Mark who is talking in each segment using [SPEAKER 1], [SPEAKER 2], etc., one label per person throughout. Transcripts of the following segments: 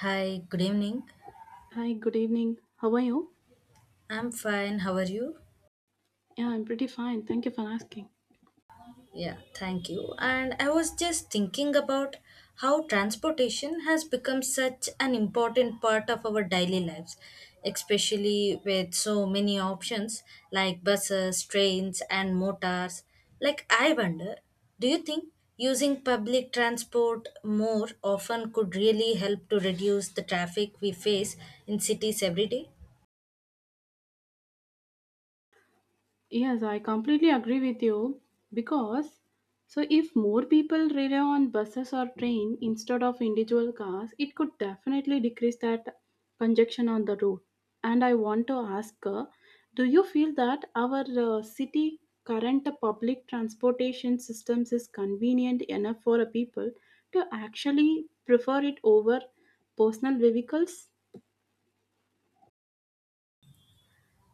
[SPEAKER 1] Hi, good evening.
[SPEAKER 2] Hi, good evening. How are you?
[SPEAKER 1] I'm fine. How are you?
[SPEAKER 2] Yeah, I'm pretty fine. Thank you for asking.
[SPEAKER 1] Yeah, thank you. And I was just thinking about how transportation has become such an important part of our daily lives, especially with so many options like buses, trains, and motors. Like, I wonder, do you think using public transport more often could really help to reduce the traffic we face in cities every day?
[SPEAKER 2] Yes, I completely agree with you because so if more people rely on buses or train instead of individual cars, it could definitely decrease that congestion on the road. And I want to ask, do you feel that our city current public transportation systems is convenient enough for a people to actually prefer it over personal vehicles?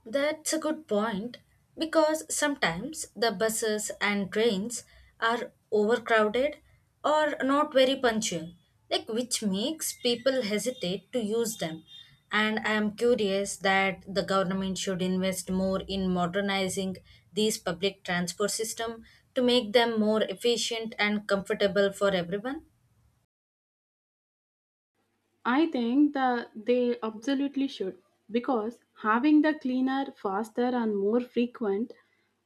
[SPEAKER 1] That's a good point, because sometimes the buses and trains are overcrowded or not very punctual, like, which makes people hesitate to use them. And I am curious that the government should invest more in modernizing these public transport system to make them more efficient and comfortable for everyone.
[SPEAKER 2] I think that they absolutely should because having the cleaner, faster, and more frequent,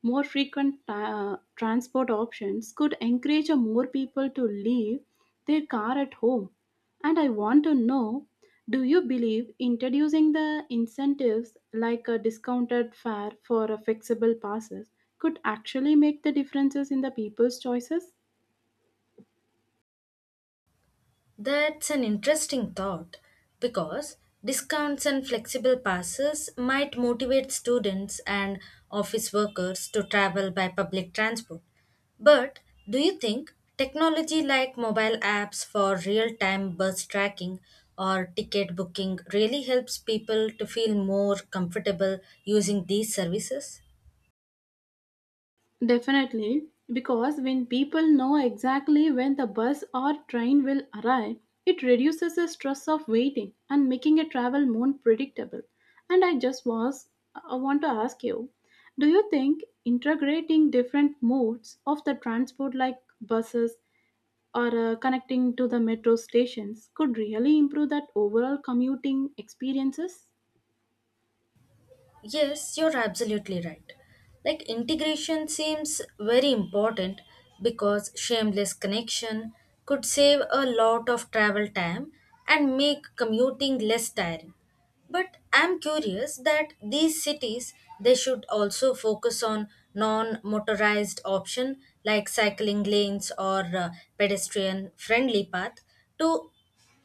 [SPEAKER 2] more frequent transport options could encourage a more people to leave their car at home. And I want to know, do you believe introducing the incentives like a discounted fare for a flexible passes could actually make the differences in the people's choices?
[SPEAKER 1] That's an interesting thought, because discounts and flexible passes might motivate students and office workers to travel by public transport. But do you think technology like mobile apps for real time bus tracking or ticket booking really helps people to feel more comfortable using these services?
[SPEAKER 2] Definitely, because when people know exactly when the bus or train will arrive, it reduces the stress of waiting and making a travel more predictable. And I just was I want to ask you, do you think integrating different modes of the transport like buses or connecting to the metro stations could really improve that overall commuting experiences?
[SPEAKER 1] Yes, you're absolutely right. Like, integration seems very important, because shameless connection could save a lot of travel time and make commuting less tiring. But I'm curious that these cities, they should also focus on non-motorized option like cycling lanes or pedestrian friendly path to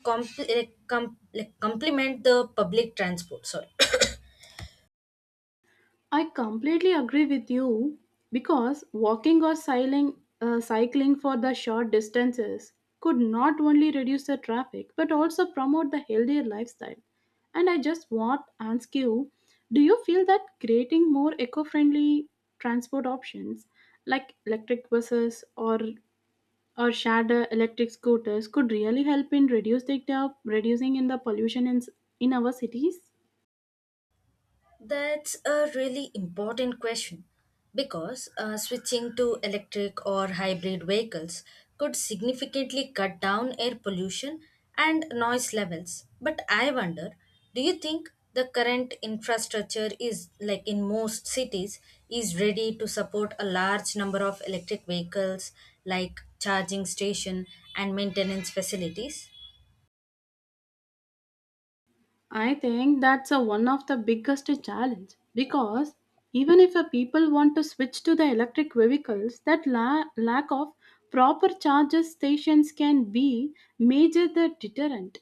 [SPEAKER 1] complement the public transport. Sorry.
[SPEAKER 2] I completely agree with you because walking or cycling for the short distances could not only reduce the traffic but also promote the healthier lifestyle. And I just want to ask you, do you feel that creating more eco friendly transport options like electric buses or shared electric scooters could really help in reducing in the pollution in our cities?
[SPEAKER 1] That's a really important question, because switching to electric or hybrid vehicles could significantly cut down air pollution and noise levels. But I wonder, do you think the current infrastructure, is like, in most cities, is ready to support a large number of electric vehicles, like charging station and maintenance facilities?
[SPEAKER 2] I think that's one of the biggest challenge because even if a people want to switch to the electric vehicles, that lack of proper charger stations can be major the deterrent.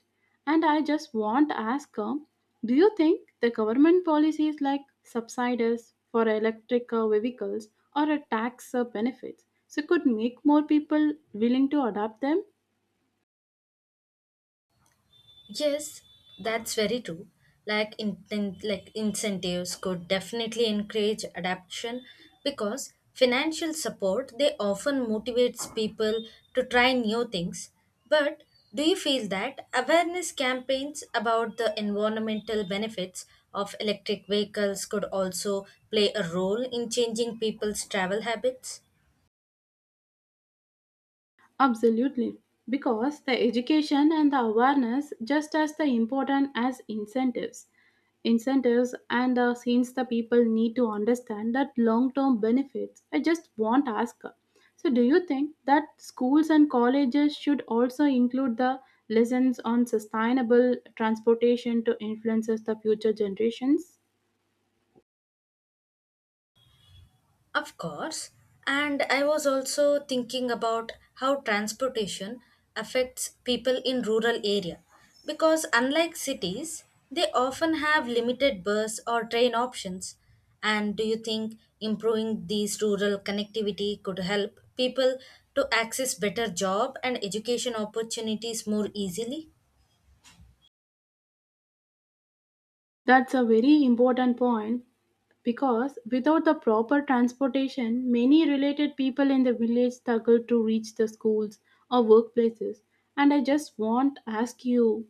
[SPEAKER 2] And I just want to ask, do you think the government policies like subsidies for electric vehicles or a tax benefits so could make more people willing to adopt them?
[SPEAKER 1] Yes, that's very true. Like, incentives could definitely encourage adaptation, because financial support, they often motivates people to try new things. But do you feel that awareness campaigns about the environmental benefits of electric vehicles could also play a role in changing people's travel habits?
[SPEAKER 2] Absolutely, because the education and the awareness just as the important as incentives. Incentives and the since the people need to understand that long-term benefits. I just want to ask her. So, do you think that schools and colleges should also include the lessons on sustainable transportation to influences the future generations?
[SPEAKER 1] Of course. And I was also thinking about how transportation affects people in rural area, because unlike cities, they often have limited bus or train options. And do you think improving these rural connectivity could help people to access better job and education opportunities more easily?
[SPEAKER 2] That's a very important point because without the proper transportation, many related people in the village struggle to reach the schools or workplaces. And I just want to ask you,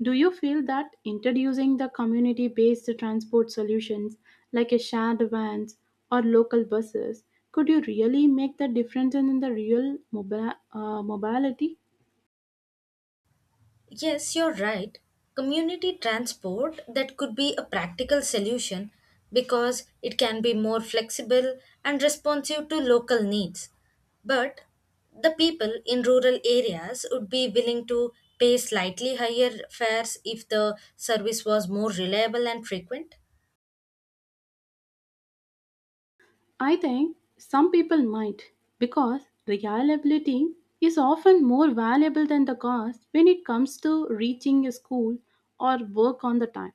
[SPEAKER 2] do you feel that introducing the community based transport solutions like a shared vans or local buses could you really make the difference in the real mobility?
[SPEAKER 1] Yes, you're right. Community transport, that could be a practical solution, because it can be more flexible and responsive to local needs. But the people in rural areas would be willing to pay slightly higher fares if the service was more reliable and frequent.
[SPEAKER 2] I think some people might because reliability is often more valuable than the cost when it comes to reaching a school or work on the time.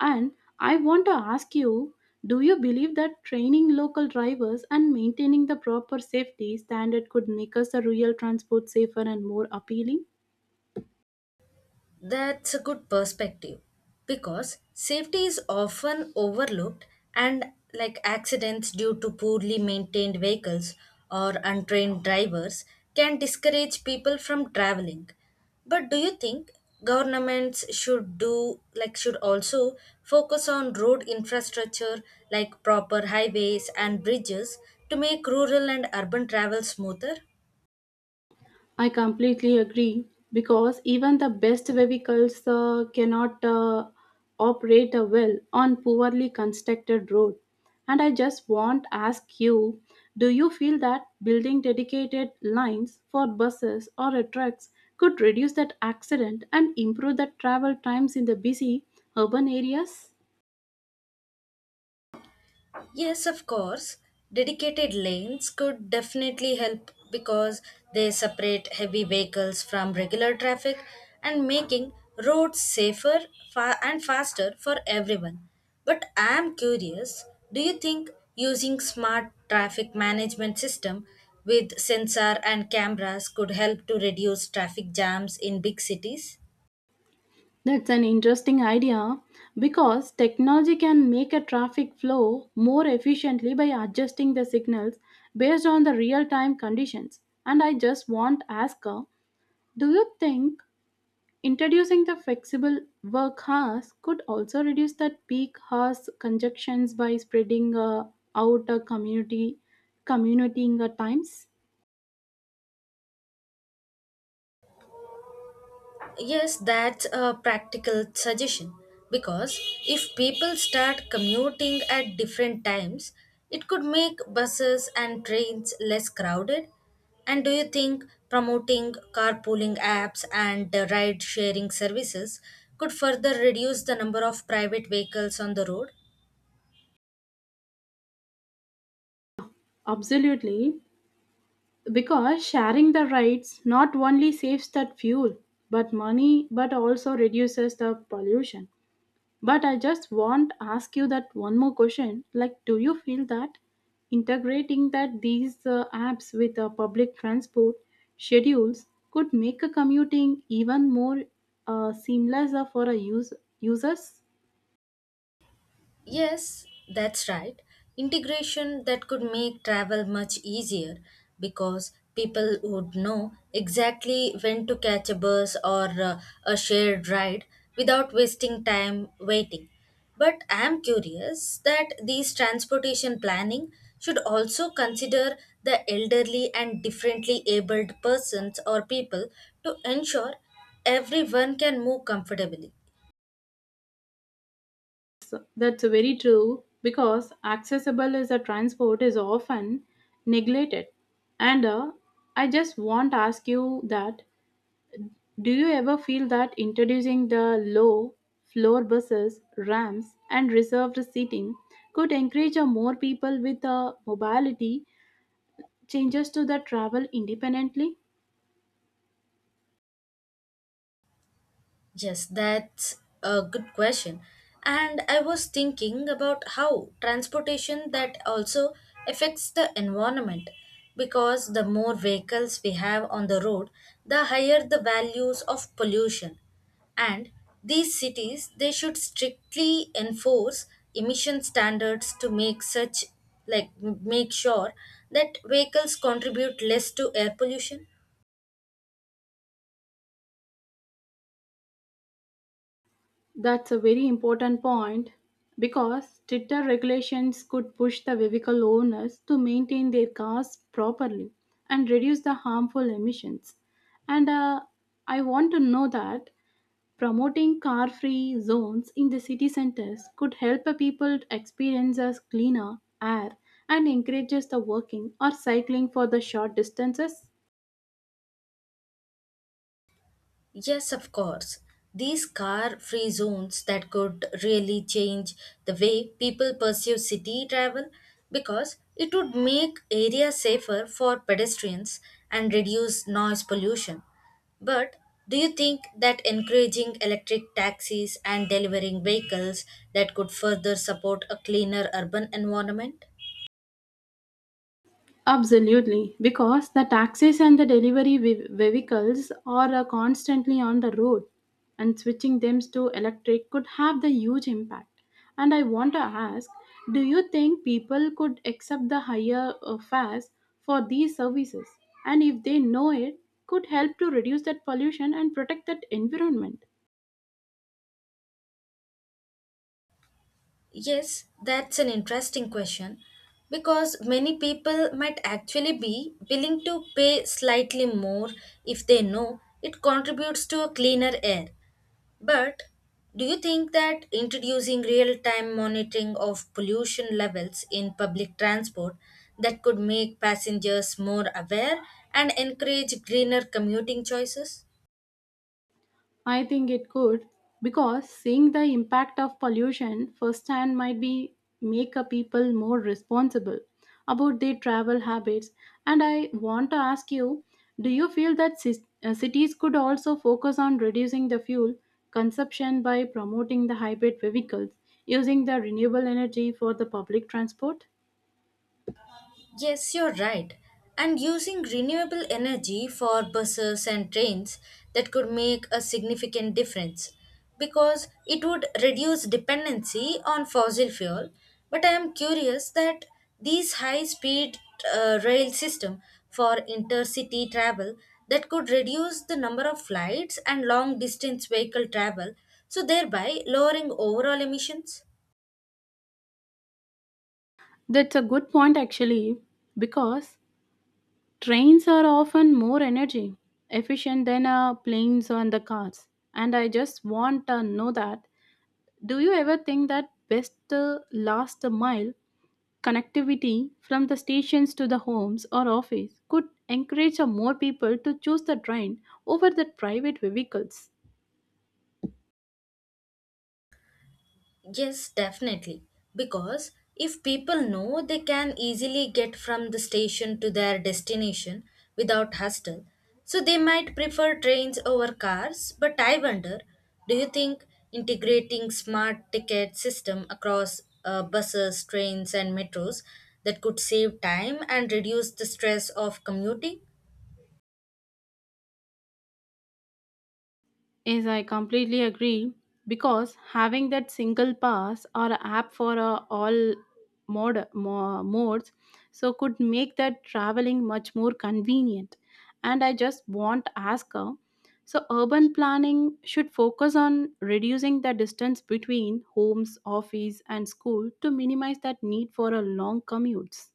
[SPEAKER 2] And I want to ask you, do you believe that training local drivers and maintaining the proper safety standard could make us a real transport safer and more appealing?
[SPEAKER 1] That's a good perspective, because safety is often overlooked, and like, accidents due to poorly maintained vehicles or untrained drivers can discourage people from traveling. But do you think governments should do, like, should also focus on road infrastructure, like proper highways and bridges, to make rural and urban travel smoother?
[SPEAKER 2] I completely agree because even the best vehicles cannot operate well on poorly constructed road. And I just want to ask you, do you feel that building dedicated lines for buses or trucks could reduce that accident and improve the travel times in the busy urban areas?
[SPEAKER 1] Yes, of course. Dedicated lanes could definitely help, because they separate heavy vehicles from regular traffic, and making roads safer and faster for everyone. But I am curious, do you think using smart traffic management system with sensor and cameras could help to reduce traffic jams in big cities?
[SPEAKER 2] That's an interesting idea because technology can make a traffic flow more efficiently by adjusting the signals based on the real time conditions. And I just want to ask her, do you think introducing the flexible work hours could also reduce that peak hours conjunctions by spreading out a community commuting times?
[SPEAKER 1] Yes, that's a practical suggestion, because if people start commuting at different times, it could make buses and trains less crowded. And do you think promoting carpooling apps and ride sharing services could further reduce the number of private vehicles on the road?
[SPEAKER 2] Absolutely, because sharing the rights not only saves that fuel but money but also reduces the pollution, but I just want to ask you that one more question, like do you feel that integrating that these apps with public transport schedules could make a commuting even more seamless for a users?
[SPEAKER 1] Yes, that's right. Integration, that could make travel much easier, because people would know exactly when to catch a bus or a shared ride without wasting time waiting. But I am curious that these transportation planning should also consider the elderly and differently abled persons or people to ensure everyone can move comfortably.
[SPEAKER 2] That's very true because accessible as a transport is often neglected. And I just want to ask you that, do you ever feel that introducing the low floor buses, ramps, and reserved seating could encourage more people with mobility changes to the travel independently?
[SPEAKER 1] Yes, that's a good question. And I was thinking about how transportation that also affects the environment, because the more vehicles we have on the road, the higher the values of pollution. And these cities, they should strictly enforce emission standards to make such, like, make sure that vehicles contribute less to air pollution.
[SPEAKER 2] That's a very important point because stricter regulations could push the vehicle owners to maintain their cars properly and reduce the harmful emissions. And I want to know that promoting car free zones in the city centers could help the people to experience a cleaner air and encourages the walking or cycling for the short distances.
[SPEAKER 1] Yes, of course. These car free zones, that could really change the way people pursue city travel, because it would make areas safer for pedestrians and reduce noise pollution. But do you think that encouraging electric taxis and delivering vehicles, that could further support a cleaner urban environment?
[SPEAKER 2] Absolutely, because the taxis and the delivery vehicles are constantly on the road, and switching them to electric could have the huge impact. And I want to ask, do you think people could accept the higher fares for these services? And if they know it, could help to reduce that pollution and protect that environment.
[SPEAKER 1] Yes, that's an interesting question, because many people might actually be willing to pay slightly more if they know it contributes to a cleaner air. But do you think that introducing real time monitoring of pollution levels in public transport, that could make passengers more aware and encourage greener commuting choices?
[SPEAKER 2] I think it could because seeing the impact of pollution firsthand might be make a people more responsible about their travel habits. And I want to ask you, do you feel that cities could also focus on reducing the fuel consumption by promoting the hybrid vehicles using the renewable energy for the public transport?
[SPEAKER 1] Yes, you're right. And using renewable energy for buses and trains, that could make a significant difference, because it would reduce dependency on fossil fuel. But I am curious that these high-speed rail system for intercity travel, that could reduce the number of flights and long-distance vehicle travel, so thereby lowering overall emissions.
[SPEAKER 2] That's a good point actually, because trains are often more energy efficient than planes and the cars. And I just want to know that, do you ever think that best last mile connectivity from the stations to the homes or office could encourage more people to choose the train over the private vehicles?
[SPEAKER 1] Yes, definitely. Because if people know they can easily get from the station to their destination without hassle, so they might prefer trains over cars. But I wonder, do you think integrating smart ticket system across buses, trains, and metros, that could save time and reduce the stress of commuting?
[SPEAKER 2] Yes, I completely agree because having that single pass or app for all modes so could make that traveling much more convenient. And I just want to ask her, so urban planning should focus on reducing the distance between homes, office, and school to minimize that need for a long commutes.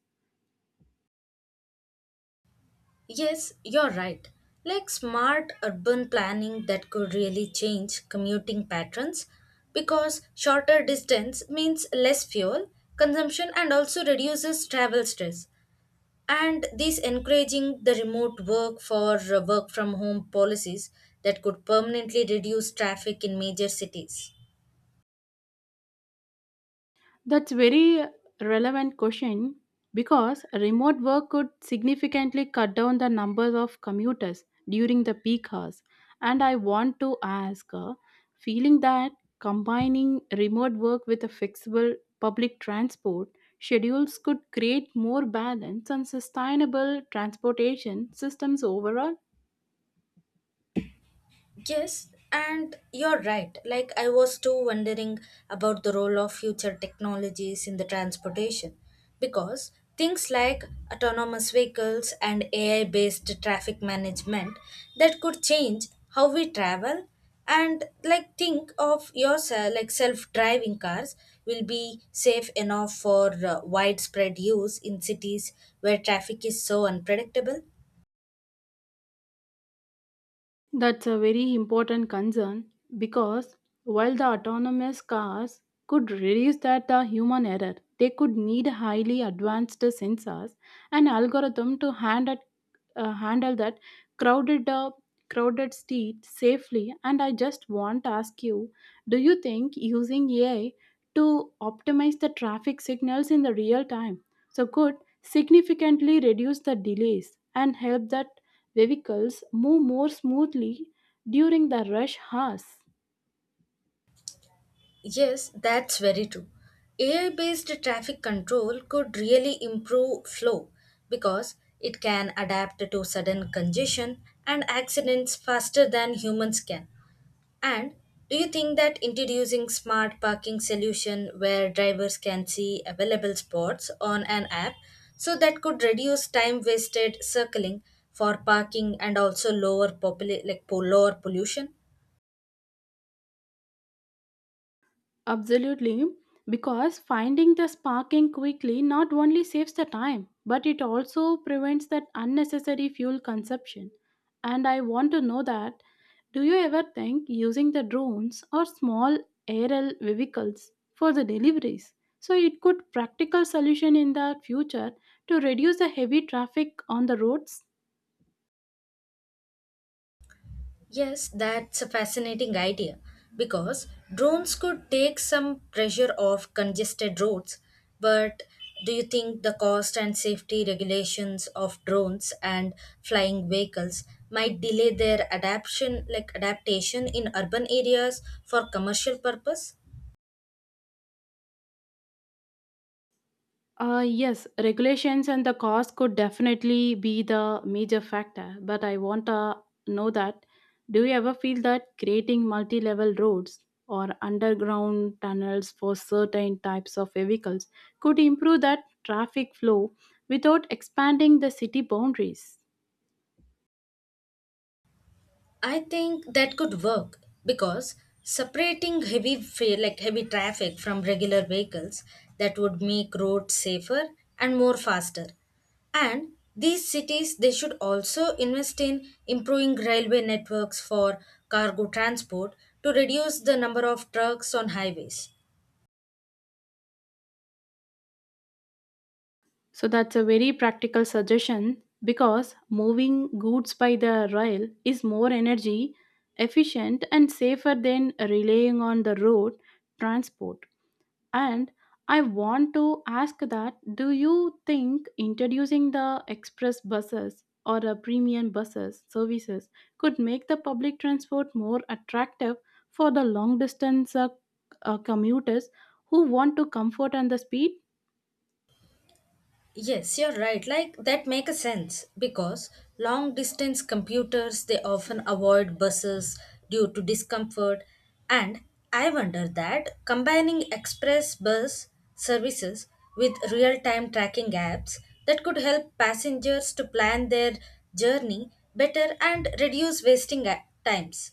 [SPEAKER 1] Yes, you're right. Like, smart urban planning, that could really change commuting patterns, because shorter distance means less fuel consumption and also reduces travel stress. And this encouraging the remote work for work from home policies, that could permanently reduce traffic in major cities.
[SPEAKER 2] That's very relevant question because remote work could significantly cut down the numbers of commuters during the peak hours. And I want to ask, feeling that combining remote work with a flexible public transport schedules could create more balance and sustainable transportation systems overall?
[SPEAKER 1] Yes, and you're right. Like, I was too wondering about the role of future technologies in the transportation, because things like autonomous vehicles and AI based traffic management, that could change how we travel. And like, think of yourself, like self driving cars will be safe enough for widespread use in cities where traffic is so unpredictable.
[SPEAKER 2] That's a very important concern because while the autonomous cars could reduce that human error, they could need highly advanced sensors and algorithm to handle that crowded uh, crowded street safely. And I just want to ask you, do you think using AI to optimize the traffic signals in the real time so could significantly reduce the delays and help that vehicles move more smoothly during the rush hours?
[SPEAKER 1] Yes, that's very true. AI based traffic control could really improve flow, because it can adapt to sudden congestion and accidents faster than humans can. And do you think that introducing smart parking solution where drivers can see available spots on an app, so that could reduce time wasted circling for parking, and also lower lower pollution?
[SPEAKER 2] Absolutely, because finding the sparking quickly not only saves the time, but it also prevents that unnecessary fuel consumption. And I want to know that, do you ever think using the drones or small aerial vehicles for the deliveries? So it could practical solution in the future to reduce the heavy traffic on the roads.
[SPEAKER 1] Yes, that's a fascinating idea, because drones could take some pressure off congested roads. But do you think the cost and safety regulations of drones and flying vehicles might delay their adaptation in urban areas for commercial purpose?
[SPEAKER 2] Yes, regulations and the cost could definitely be the major factor, but I want to know that, do you ever feel that creating multi level roads or underground tunnels for certain types of vehicles could improve that traffic flow without expanding the city boundaries?
[SPEAKER 1] I think that could work, because separating heavy fa- like heavy traffic from regular vehicles, that would make roads safer and more faster. And these cities, they should also invest in improving railway networks for cargo transport to reduce the number of trucks on highways.
[SPEAKER 2] So that's a very practical suggestion because moving goods by the rail is more energy efficient and safer than relying on the road transport. And I want to ask that, do you think introducing the express buses or a premium buses services could make the public transport more attractive for the long distance commuters who want to comfort and the speed?
[SPEAKER 1] Yes, you're right. Like, that make a sense, because long distance computers, they often avoid buses due to discomfort. And I wonder that combining express bus services with real-time tracking apps, that could help passengers to plan their journey better and reduce wasting times.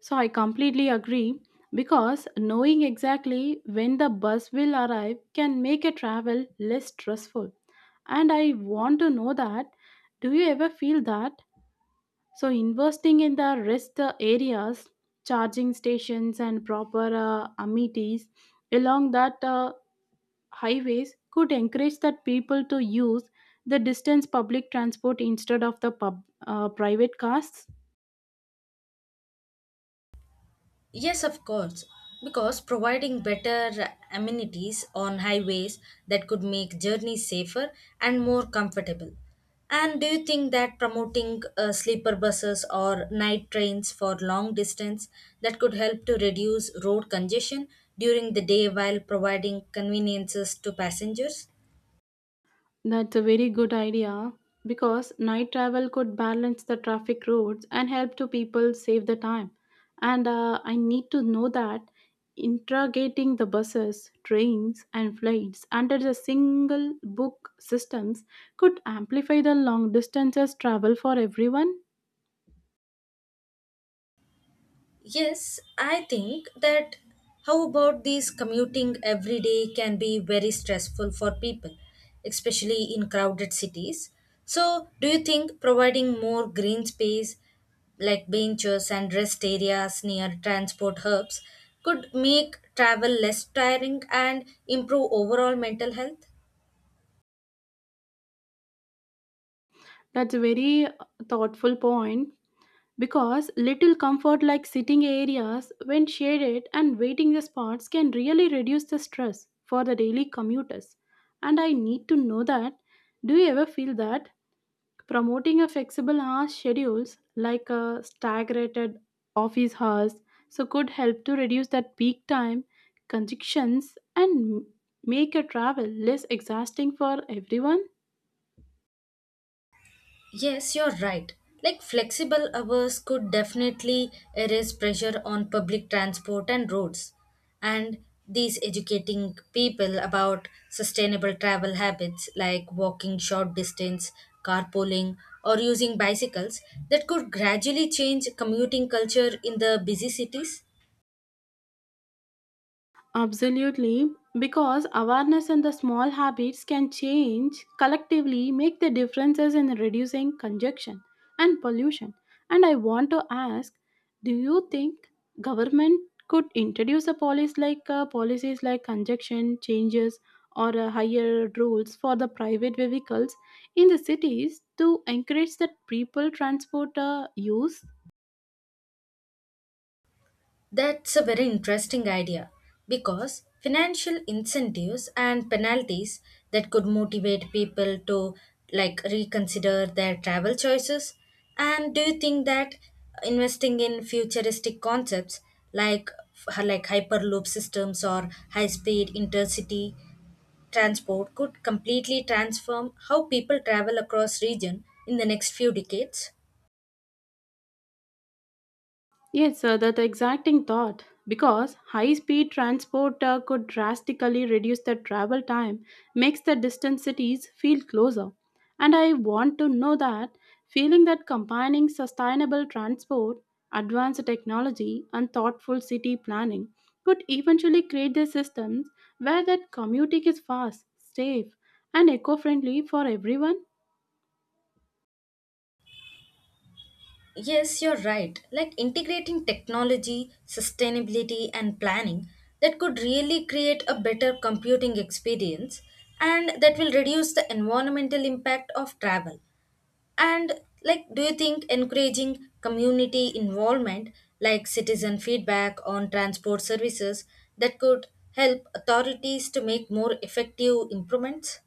[SPEAKER 2] So I completely agree because knowing exactly when the bus will arrive can make a travel less stressful. And I want to know that, do you ever feel that? So investing in the rest areas, charging stations, and proper amenities along that highways could encourage that people to use the distance public transport instead of the private cars.
[SPEAKER 1] Yes, of course, because providing better amenities on highways, that could make journeys safer and more comfortable. And do you think that promoting sleeper buses or night trains for long distance, that could help to reduce road congestion during the day while providing conveniences to passengers?
[SPEAKER 2] That's a very good idea because night travel could balance the traffic roads and help to people save the time. And I need to know that integrating the buses, trains, and flights under the single book systems could amplify the long distances travel for everyone.
[SPEAKER 1] Yes, I think that how about these commuting every day can be very stressful for people, especially in crowded cities. So, do you think providing more green space, like benches and rest areas near transport hubs, could make travel less tiring and improve overall mental health?
[SPEAKER 2] That's a very thoughtful point, because little comfort like sitting areas when shaded and waiting the spots can really reduce the stress for the daily commuters. And I need to know that, do you ever feel that promoting a flexible hour schedules like a staggered office hours so could help to reduce that peak time congestions and make a travel less exhausting for everyone?
[SPEAKER 1] Yes, you're right. Like, flexible hours could definitely erase pressure on public transport and roads. And these educating people about sustainable travel habits, like walking short distance, carpooling, or using bicycles, that could gradually change commuting culture in the busy cities.
[SPEAKER 2] Absolutely, because awareness and the small habits can change collectively make the differences in reducing congestion and pollution. And I want to ask, do you think government could introduce a policy like policies like congestion changes or higher rules for the private vehicles in the cities to encourage that people transport use?
[SPEAKER 1] That's a very interesting idea, because financial incentives and penalties, that could motivate people to, like, reconsider their travel choices. And do you think that investing in futuristic concepts like, hyperloop systems or high-speed intercity transport, could completely transform how people travel across region in the next few decades?
[SPEAKER 2] Yes, sir, that exacting thought. Because high speed transport could drastically reduce the travel time, makes the distant cities feel closer. And I want to know that, feeling that combining sustainable transport, advanced technology, and thoughtful city planning could eventually create the systems where that commuting is fast, safe, and eco friendly for everyone.
[SPEAKER 1] Yes, you're right. Like, integrating technology, sustainability, and planning, that could really create a better computing experience, and that will reduce the environmental impact of travel. And like, do you think encouraging community involvement, like citizen feedback on transport services, that could help authorities to make more effective improvements?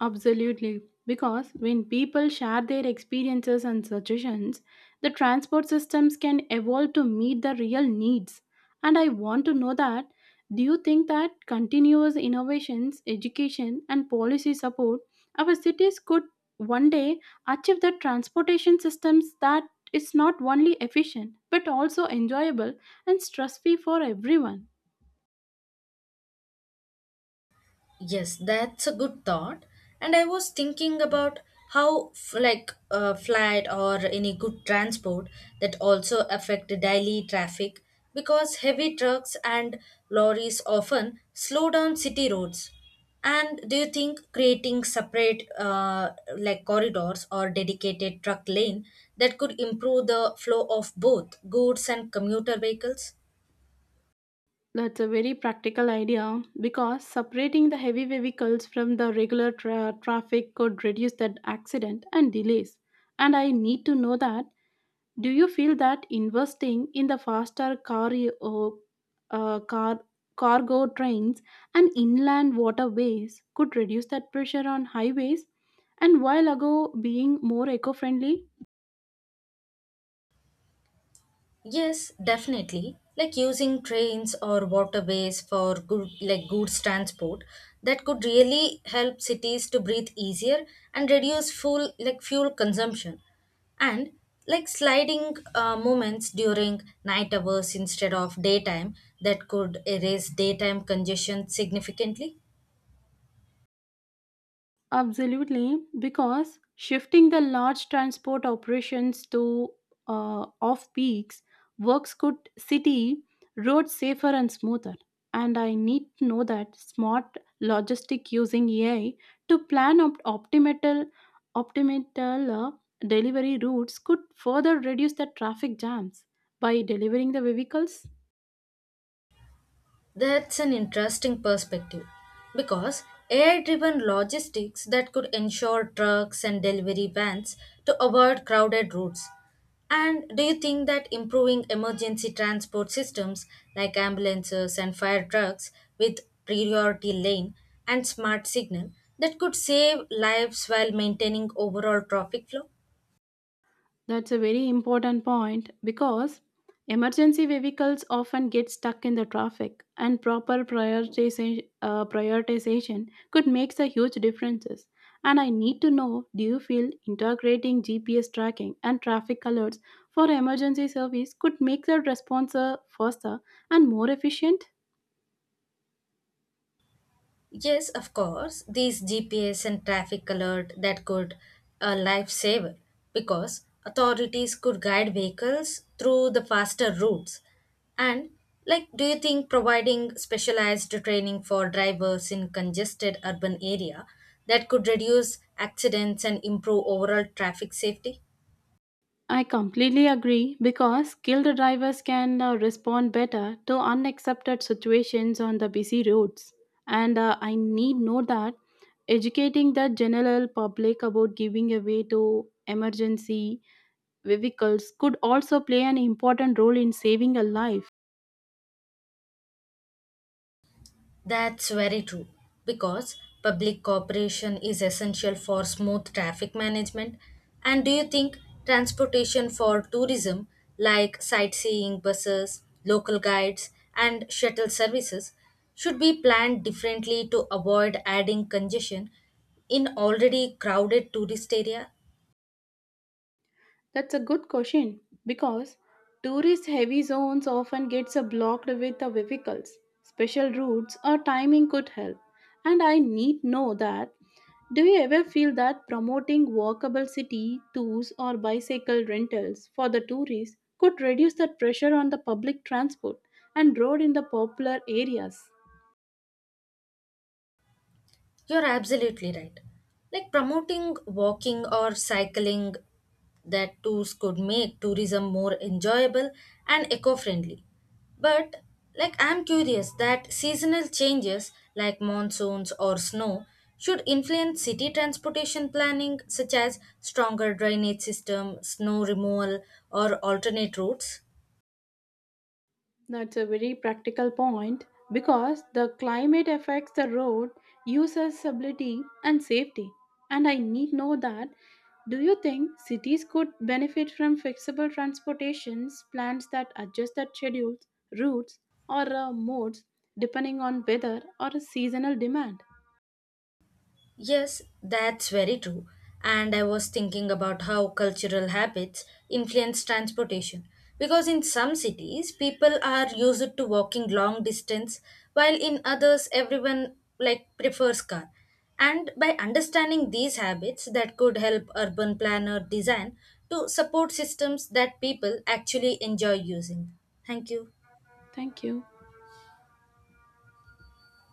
[SPEAKER 2] Absolutely. Because when people share their experiences and suggestions, the transport systems can evolve to meet the real needs. And I want to know that, do you think that continuous innovations, education, and policy support, our cities could one day achieve the transportation systems that is not only efficient but also enjoyable and stress free for everyone?
[SPEAKER 1] Yes, that's a good thought. And I was thinking about how, flight or any good transport that also affect daily traffic, because heavy trucks and lorries often slow down city roads. And do you think creating separate, corridors or dedicated truck lane, that could improve the flow of both goods and commuter vehicles?
[SPEAKER 2] That's a very practical idea because separating the heavy vehicles from the regular traffic could reduce that accident and delays. And I need to know that, do you feel that investing in the faster uh, uh, car cargo trains and inland waterways could reduce that pressure on highways and while ago being more eco-friendly?
[SPEAKER 1] Yes, definitely. Like, using trains or waterways for goods transport, that could really help cities to breathe easier and reduce fuel consumption. And like, sliding moments during night hours instead of daytime, that could erase daytime congestion significantly.
[SPEAKER 2] Absolutely, because shifting the large transport operations to off peaks works good city roads safer and smoother. And I need to know that smart logistic using AI to plan optimal delivery routes could further reduce the traffic jams by delivering the vehicles.
[SPEAKER 1] That's an interesting perspective, because AI driven logistics, that could ensure trucks and delivery vans to avoid crowded routes. And do you think that improving emergency transport systems like ambulances and fire trucks with priority lane and smart signal, that could save lives while maintaining overall traffic flow?
[SPEAKER 2] That's a very important point because emergency vehicles often get stuck in the traffic, and proper prioritization could make a huge differences. And I need to know: do you feel integrating GPS tracking and traffic alerts for emergency service could make the response faster and more efficient?
[SPEAKER 1] Yes, of course. These GPS and traffic alert, that could a lifesaver, because authorities could guide vehicles through the faster routes. And like, do you think providing specialized training for drivers in congested urban area, that could reduce accidents and improve overall traffic safety?
[SPEAKER 2] I completely agree because skilled drivers can respond better to unaccepted situations on the busy roads. And I need know that educating the general public about giving away to emergency vehicles could also play an important role in saving a life.
[SPEAKER 1] That's very true, because public cooperation is essential for smooth traffic management. And do you think transportation for tourism, like sightseeing buses, local guides, and shuttle services, should be planned differently to avoid adding congestion in already crowded tourist area?
[SPEAKER 2] That's a good question because tourist heavy zones often gets blocked with the vehicles. Special routes or timing could help. And I need know that, do you ever feel that promoting walkable city tours or bicycle rentals for the tourists could reduce the pressure on the public transport and road in the popular areas?
[SPEAKER 1] You're absolutely right. Like, promoting walking or cycling, that tools could make tourism more enjoyable and eco friendly. But like, I'm curious that seasonal changes like monsoons or snow should influence city transportation planning, such as stronger drainage system, snow removal, or alternate routes.
[SPEAKER 2] That's a very practical point because the climate affects the road usability and safety. And I need know that, do you think cities could benefit from flexible transportations plans that adjust their schedules, routes, or modes depending on weather or seasonal demand?
[SPEAKER 1] Yes, that's very true. And I was thinking about how cultural habits influence transportation, because in some cities, people are used to walking long distance, while in others, everyone, like, prefers car. And by understanding these habits, that could help urban planner design to support systems that people actually enjoy using. Thank you.
[SPEAKER 2] Thank you.